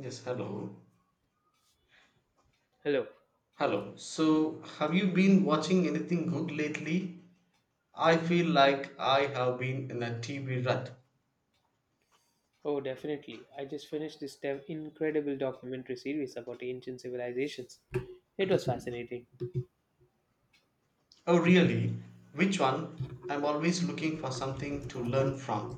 Yes, hello. Hello. Hello. So, have you been watching anything good lately? I feel like I have been in a TV rut. Oh, definitely. I just finished this incredible documentary series about ancient civilizations. It was fascinating. Oh, really? Which one? I'm always looking for something to learn from.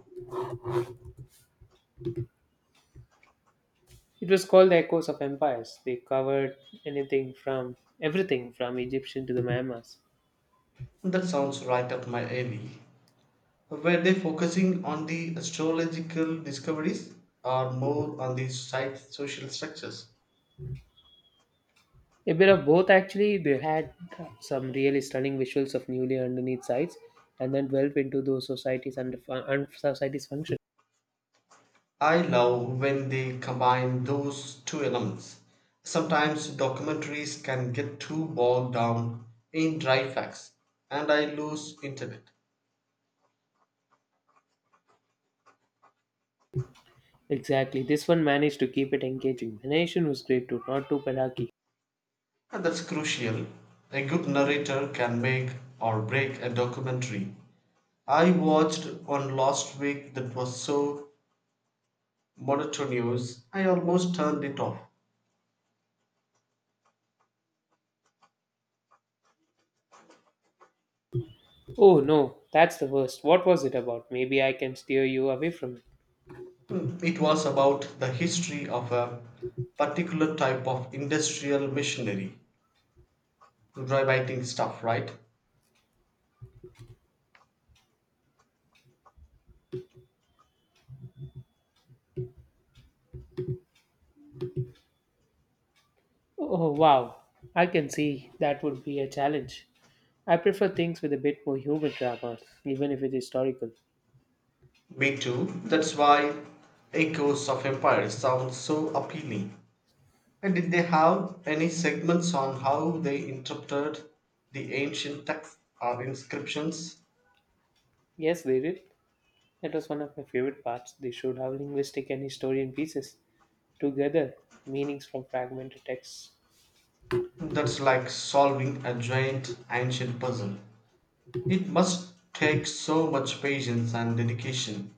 It was called The Echoes of Empires. They covered anything from everything from Egyptian to the Mayas. That sounds right up my alley. Were they focusing on the astrological discoveries or more on the site social structures? A bit of both, actually. They had some really stunning visuals of newly underneath sites and then delved into those societies and societies' function. I love when they combine those two elements. Sometimes documentaries can get too bogged down in dry facts and I lose interest. Exactly. This one managed to keep it engaging. The nation was great too, not too pedagogy. And that's crucial. A good narrator can make or break a documentary. I watched one last week that was so monotonous I almost turned it off. Oh no, that's the worst. What was it about? Maybe I can steer you away from it. It was about the history of a particular type of industrial machinery, dry writing stuff, right? Oh wow, I can see that would be a challenge. I prefer things with a bit more human drama, even if it's historical. Me too. That's why Echoes of Empire sounds so appealing. And did they have any segments on how they interpreted the ancient texts or inscriptions? Yes, they did. That was one of my favorite parts. They showed how linguistic and historian pieces together meanings from fragmented texts. That's like solving a giant ancient puzzle. It must take so much patience and dedication.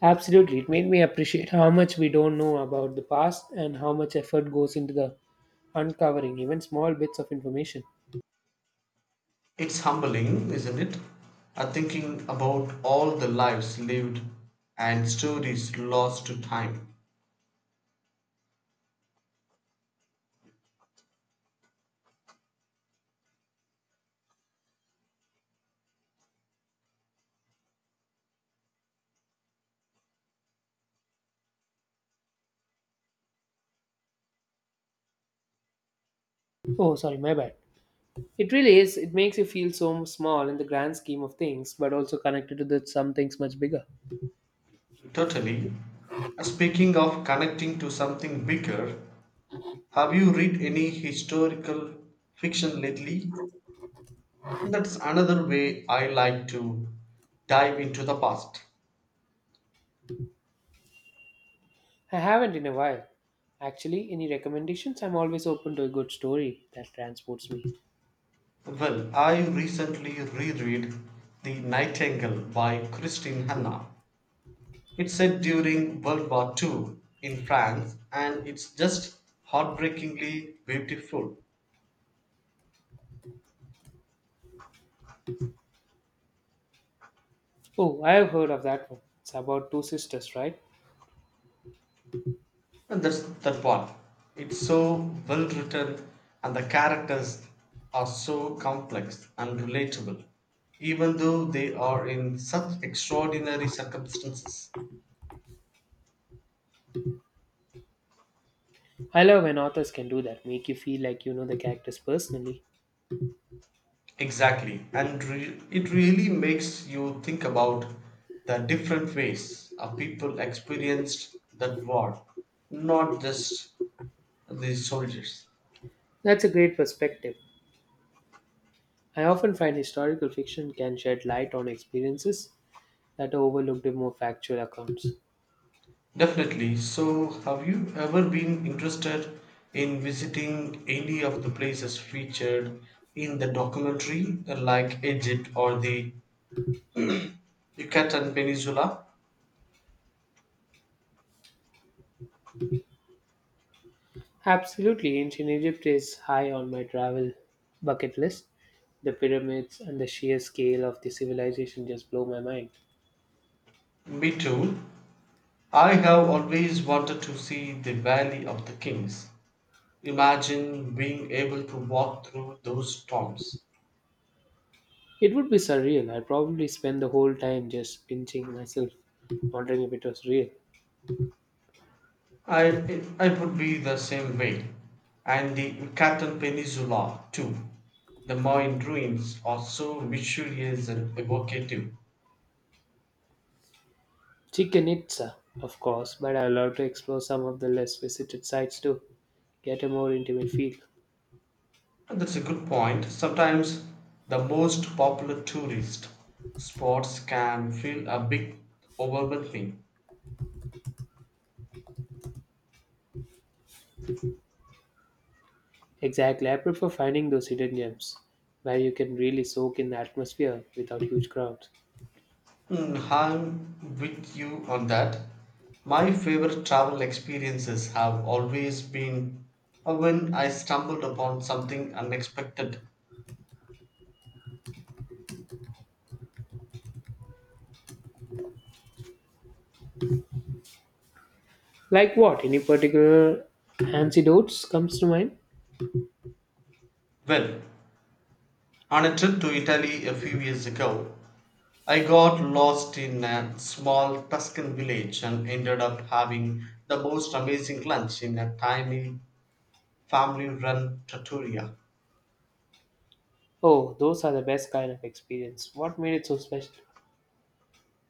Absolutely, it made me appreciate how much we don't know about the past and how much effort goes into the uncovering even small bits of information. It's humbling, isn't it? Thinking about all the lives lived and stories lost to time. Oh, sorry, my bad. It really is. It makes you feel so small in the grand scheme of things, but also connected to some things much bigger. Totally. Speaking of connecting to something bigger, have you read any historical fiction lately? That's another way I like to dive into the past. I haven't in a while. Actually, any recommendations? I'm always open to a good story that transports me. Well, I recently reread The Nightingale by Christine Hanna. It's set during World War Two in France and it's just heartbreakingly beautiful. Oh, I have heard of that one. It's about two sisters, right? And that's that one. It's so well written and the characters are so complex and relatable, even though they are in such extraordinary circumstances. I love when authors can do that, make you feel like you know the characters personally. Exactly. And it really makes you think about the different ways our people experienced that war, not just the soldiers. That's a great perspective. I often find historical fiction can shed light on experiences that are overlooked in more factual accounts. Definitely. So, have you ever been interested in visiting any of the places featured in the documentary, like Egypt or the Yucatan Peninsula? Absolutely, ancient Egypt is high on my travel bucket list. The pyramids and the sheer scale of the civilization just blow my mind. Me too. I have always wanted to see the Valley of the Kings. Imagine being able to walk through those tombs. It would be surreal. I'd probably spend the whole time just pinching myself, wondering if it was real. It would be the same way. And the Yucatan Peninsula, too. The Mayan ruins are so mysterious and evocative. Chichen Itza, of course, but I love to explore some of the less visited sites too. Get a more intimate feel. And that's a good point. Sometimes the most popular tourist spots can feel a bit overwhelming. Exactly, I prefer finding those hidden gems where you can really soak in the atmosphere without huge crowds. I'm with you on that. My favorite travel experiences have always been when I stumbled upon something unexpected. Like what? Any particular antidotes comes to mind? Well, on a trip to Italy a few years ago, I got lost in a small Tuscan village and ended up having the most amazing lunch in a tiny family run trattoria. Oh, those are the best kind of experience. What made it so special?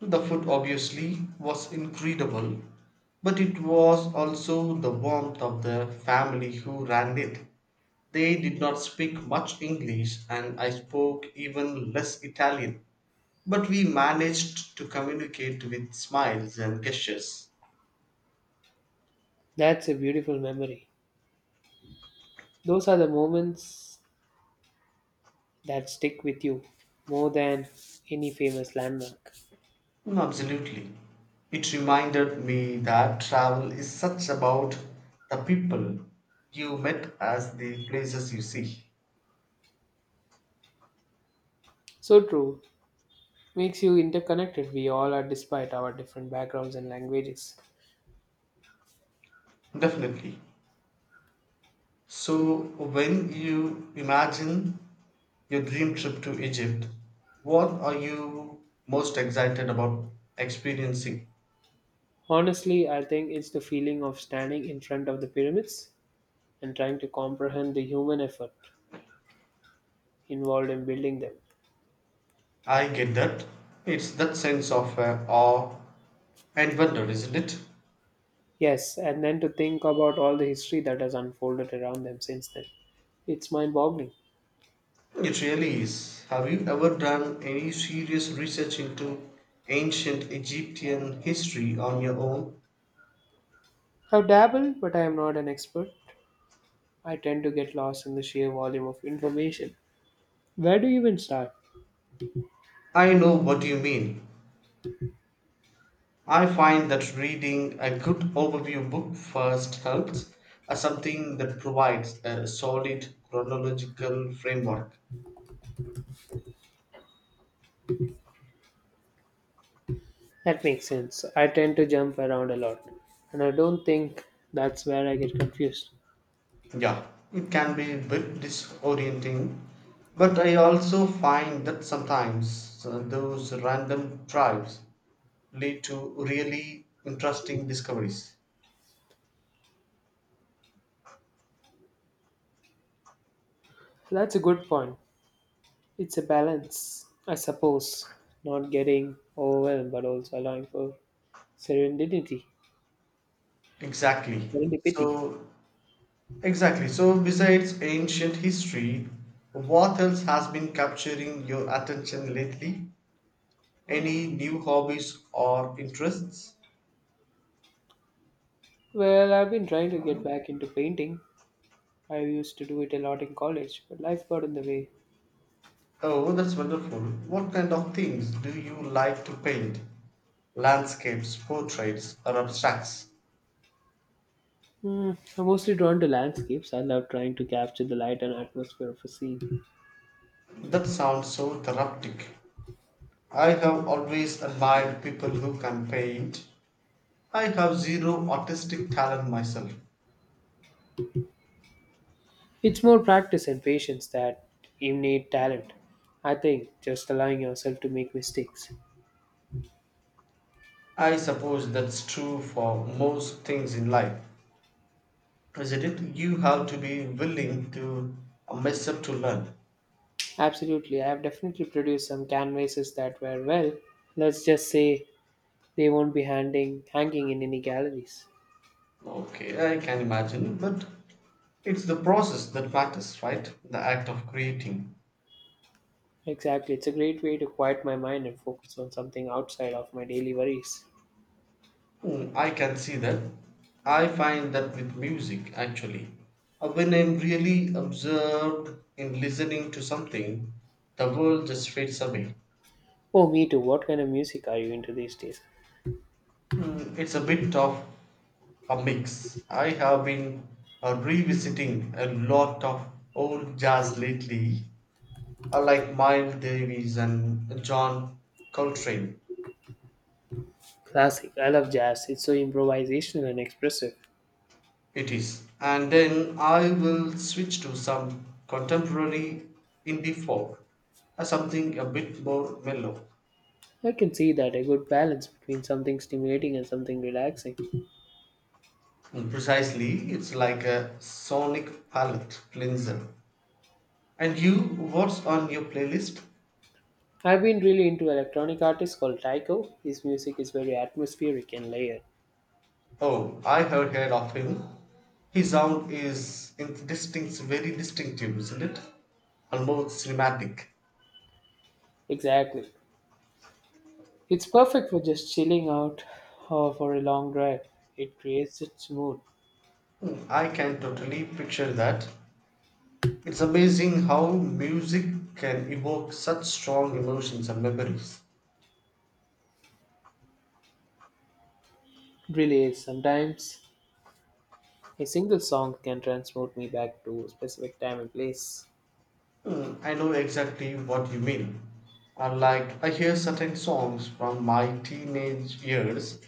The food obviously was incredible, but it was also the warmth of the family who ran it. They did not speak much English, and I spoke even less Italian, but we managed to communicate with smiles and gestures. That's a beautiful memory. Those are the moments that stick with you more than any famous landmark. No, absolutely. It reminded me that travel is such about the people you met as the places you see. So true. Makes you interconnected. We all are despite our different backgrounds and languages. Definitely. So, when you imagine your dream trip to Egypt, what are you most excited about experiencing? Honestly, I think it's the feeling of standing in front of the pyramids and trying to comprehend the human effort involved in building them. I get that. It's that sense of awe and wonder, isn't it? Yes, and then to think about all the history that has unfolded around them since then. It's mind boggling. It really is. Have you ever done any serious research into ancient Egyptian history on your own? I've dabbled, but I am not an expert. I tend to get lost in the sheer volume of information. Where do you even start? I know what you mean. I find that reading a good overview book first helps, something that provides a solid chronological framework. That makes sense. I tend to jump around a lot, and I don't think that's where I get confused. Yeah, it can be a bit disorienting, but I also find that sometimes those random tribes lead to really interesting discoveries. So that's a good point. It's a balance, I suppose. Not getting overwhelmed, but also allowing for serendipity. Exactly. Serendipity. So, exactly. So, besides ancient history, what else has been capturing your attention lately? Any new hobbies or interests? Well, I've been trying to get back into painting. I used to do it a lot in college, but life got in the way. Oh, that's wonderful. What kind of things do you like to paint? Landscapes, portraits, or abstracts? Hmm, I'm mostly drawn to landscapes. I love trying to capture the light and atmosphere of a scene. That sounds so therapeutic. I have always admired people who can paint. I have zero artistic talent myself. It's more practice and patience that innate talent. I think just allowing yourself to make mistakes. I suppose that's true for most things in life, isn't it? You have to be willing to mess up to learn. Absolutely, I have definitely produced some canvases that were well. Let's just say they won't be hanging in any galleries. Okay, I can imagine, but it's the process that matters, right? The act of creating. Exactly, it's a great way to quiet my mind and focus on something outside of my daily worries. I can see that. I find that with music, actually. When I'm really absorbed in listening to something, the world just fades away. Oh, me too. What kind of music are you into these days? It's a bit of a mix. I have been revisiting a lot of old jazz lately, like Miles Davis and John Coltrane. Classic. I love jazz. It's so improvisational and expressive. It is. And then I will switch to some contemporary indie folk, something a bit more mellow. I can see that a good balance between something stimulating and something relaxing. Precisely, it's like a sonic palette cleanser. And you, what's on your playlist? I've been really into electronic artist called Tycho. His music is very atmospheric and layered. Oh, I have heard of him. His sound is distinct, very distinctive, isn't it? Almost cinematic. Exactly. It's perfect for just chilling out or for a long drive. It creates its mood. I can totally picture that. It's amazing how music can evoke such strong emotions and memories. Really is. Sometimes a single song can transport me back to a specific time and place. I know exactly what you mean. I hear certain songs from my teenage years,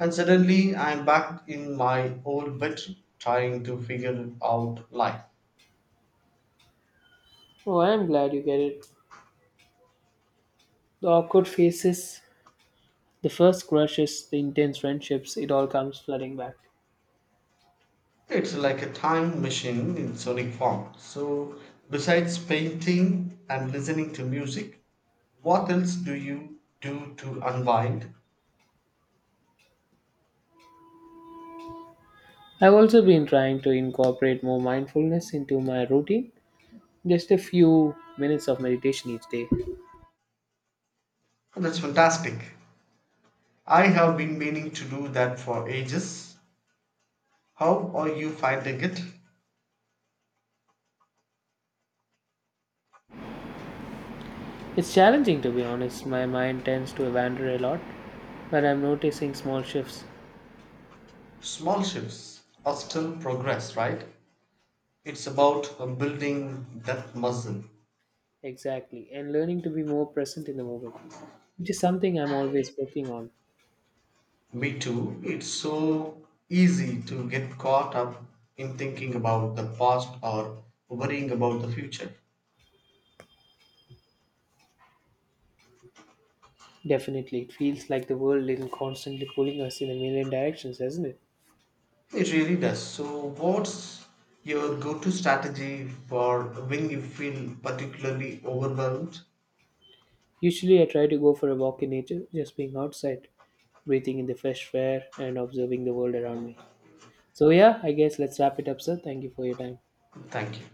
and suddenly I'm back in my old bed trying to figure out life. Oh, I'm glad you get it. The awkward faces, the first crushes, the intense friendships, it all comes flooding back. It's like a time machine in sonic form. So, besides painting and listening to music, what else do you do to unwind? I've also been trying to incorporate more mindfulness into my routine, just a few minutes of meditation each day. Oh, that's fantastic. I have been meaning to do that for ages. How are you finding it? It's challenging to be honest, my mind tends to wander a lot, but I'm noticing small shifts. Small shifts are still progress, right? It's about building that muscle. Exactly, and learning to be more present in the moment, which is something I'm always working on. Me too. It's so easy to get caught up in thinking about the past or worrying about the future. Definitely, it feels like the world is constantly pulling us in a million directions, doesn't it? It really does. So, what's your go to strategy for when you feel particularly overwhelmed? Usually, I try to go for a walk in nature, just being outside, breathing in the fresh air, and observing the world around me. So, yeah, I guess let's wrap it up, sir. Thank you for your time. Thank you.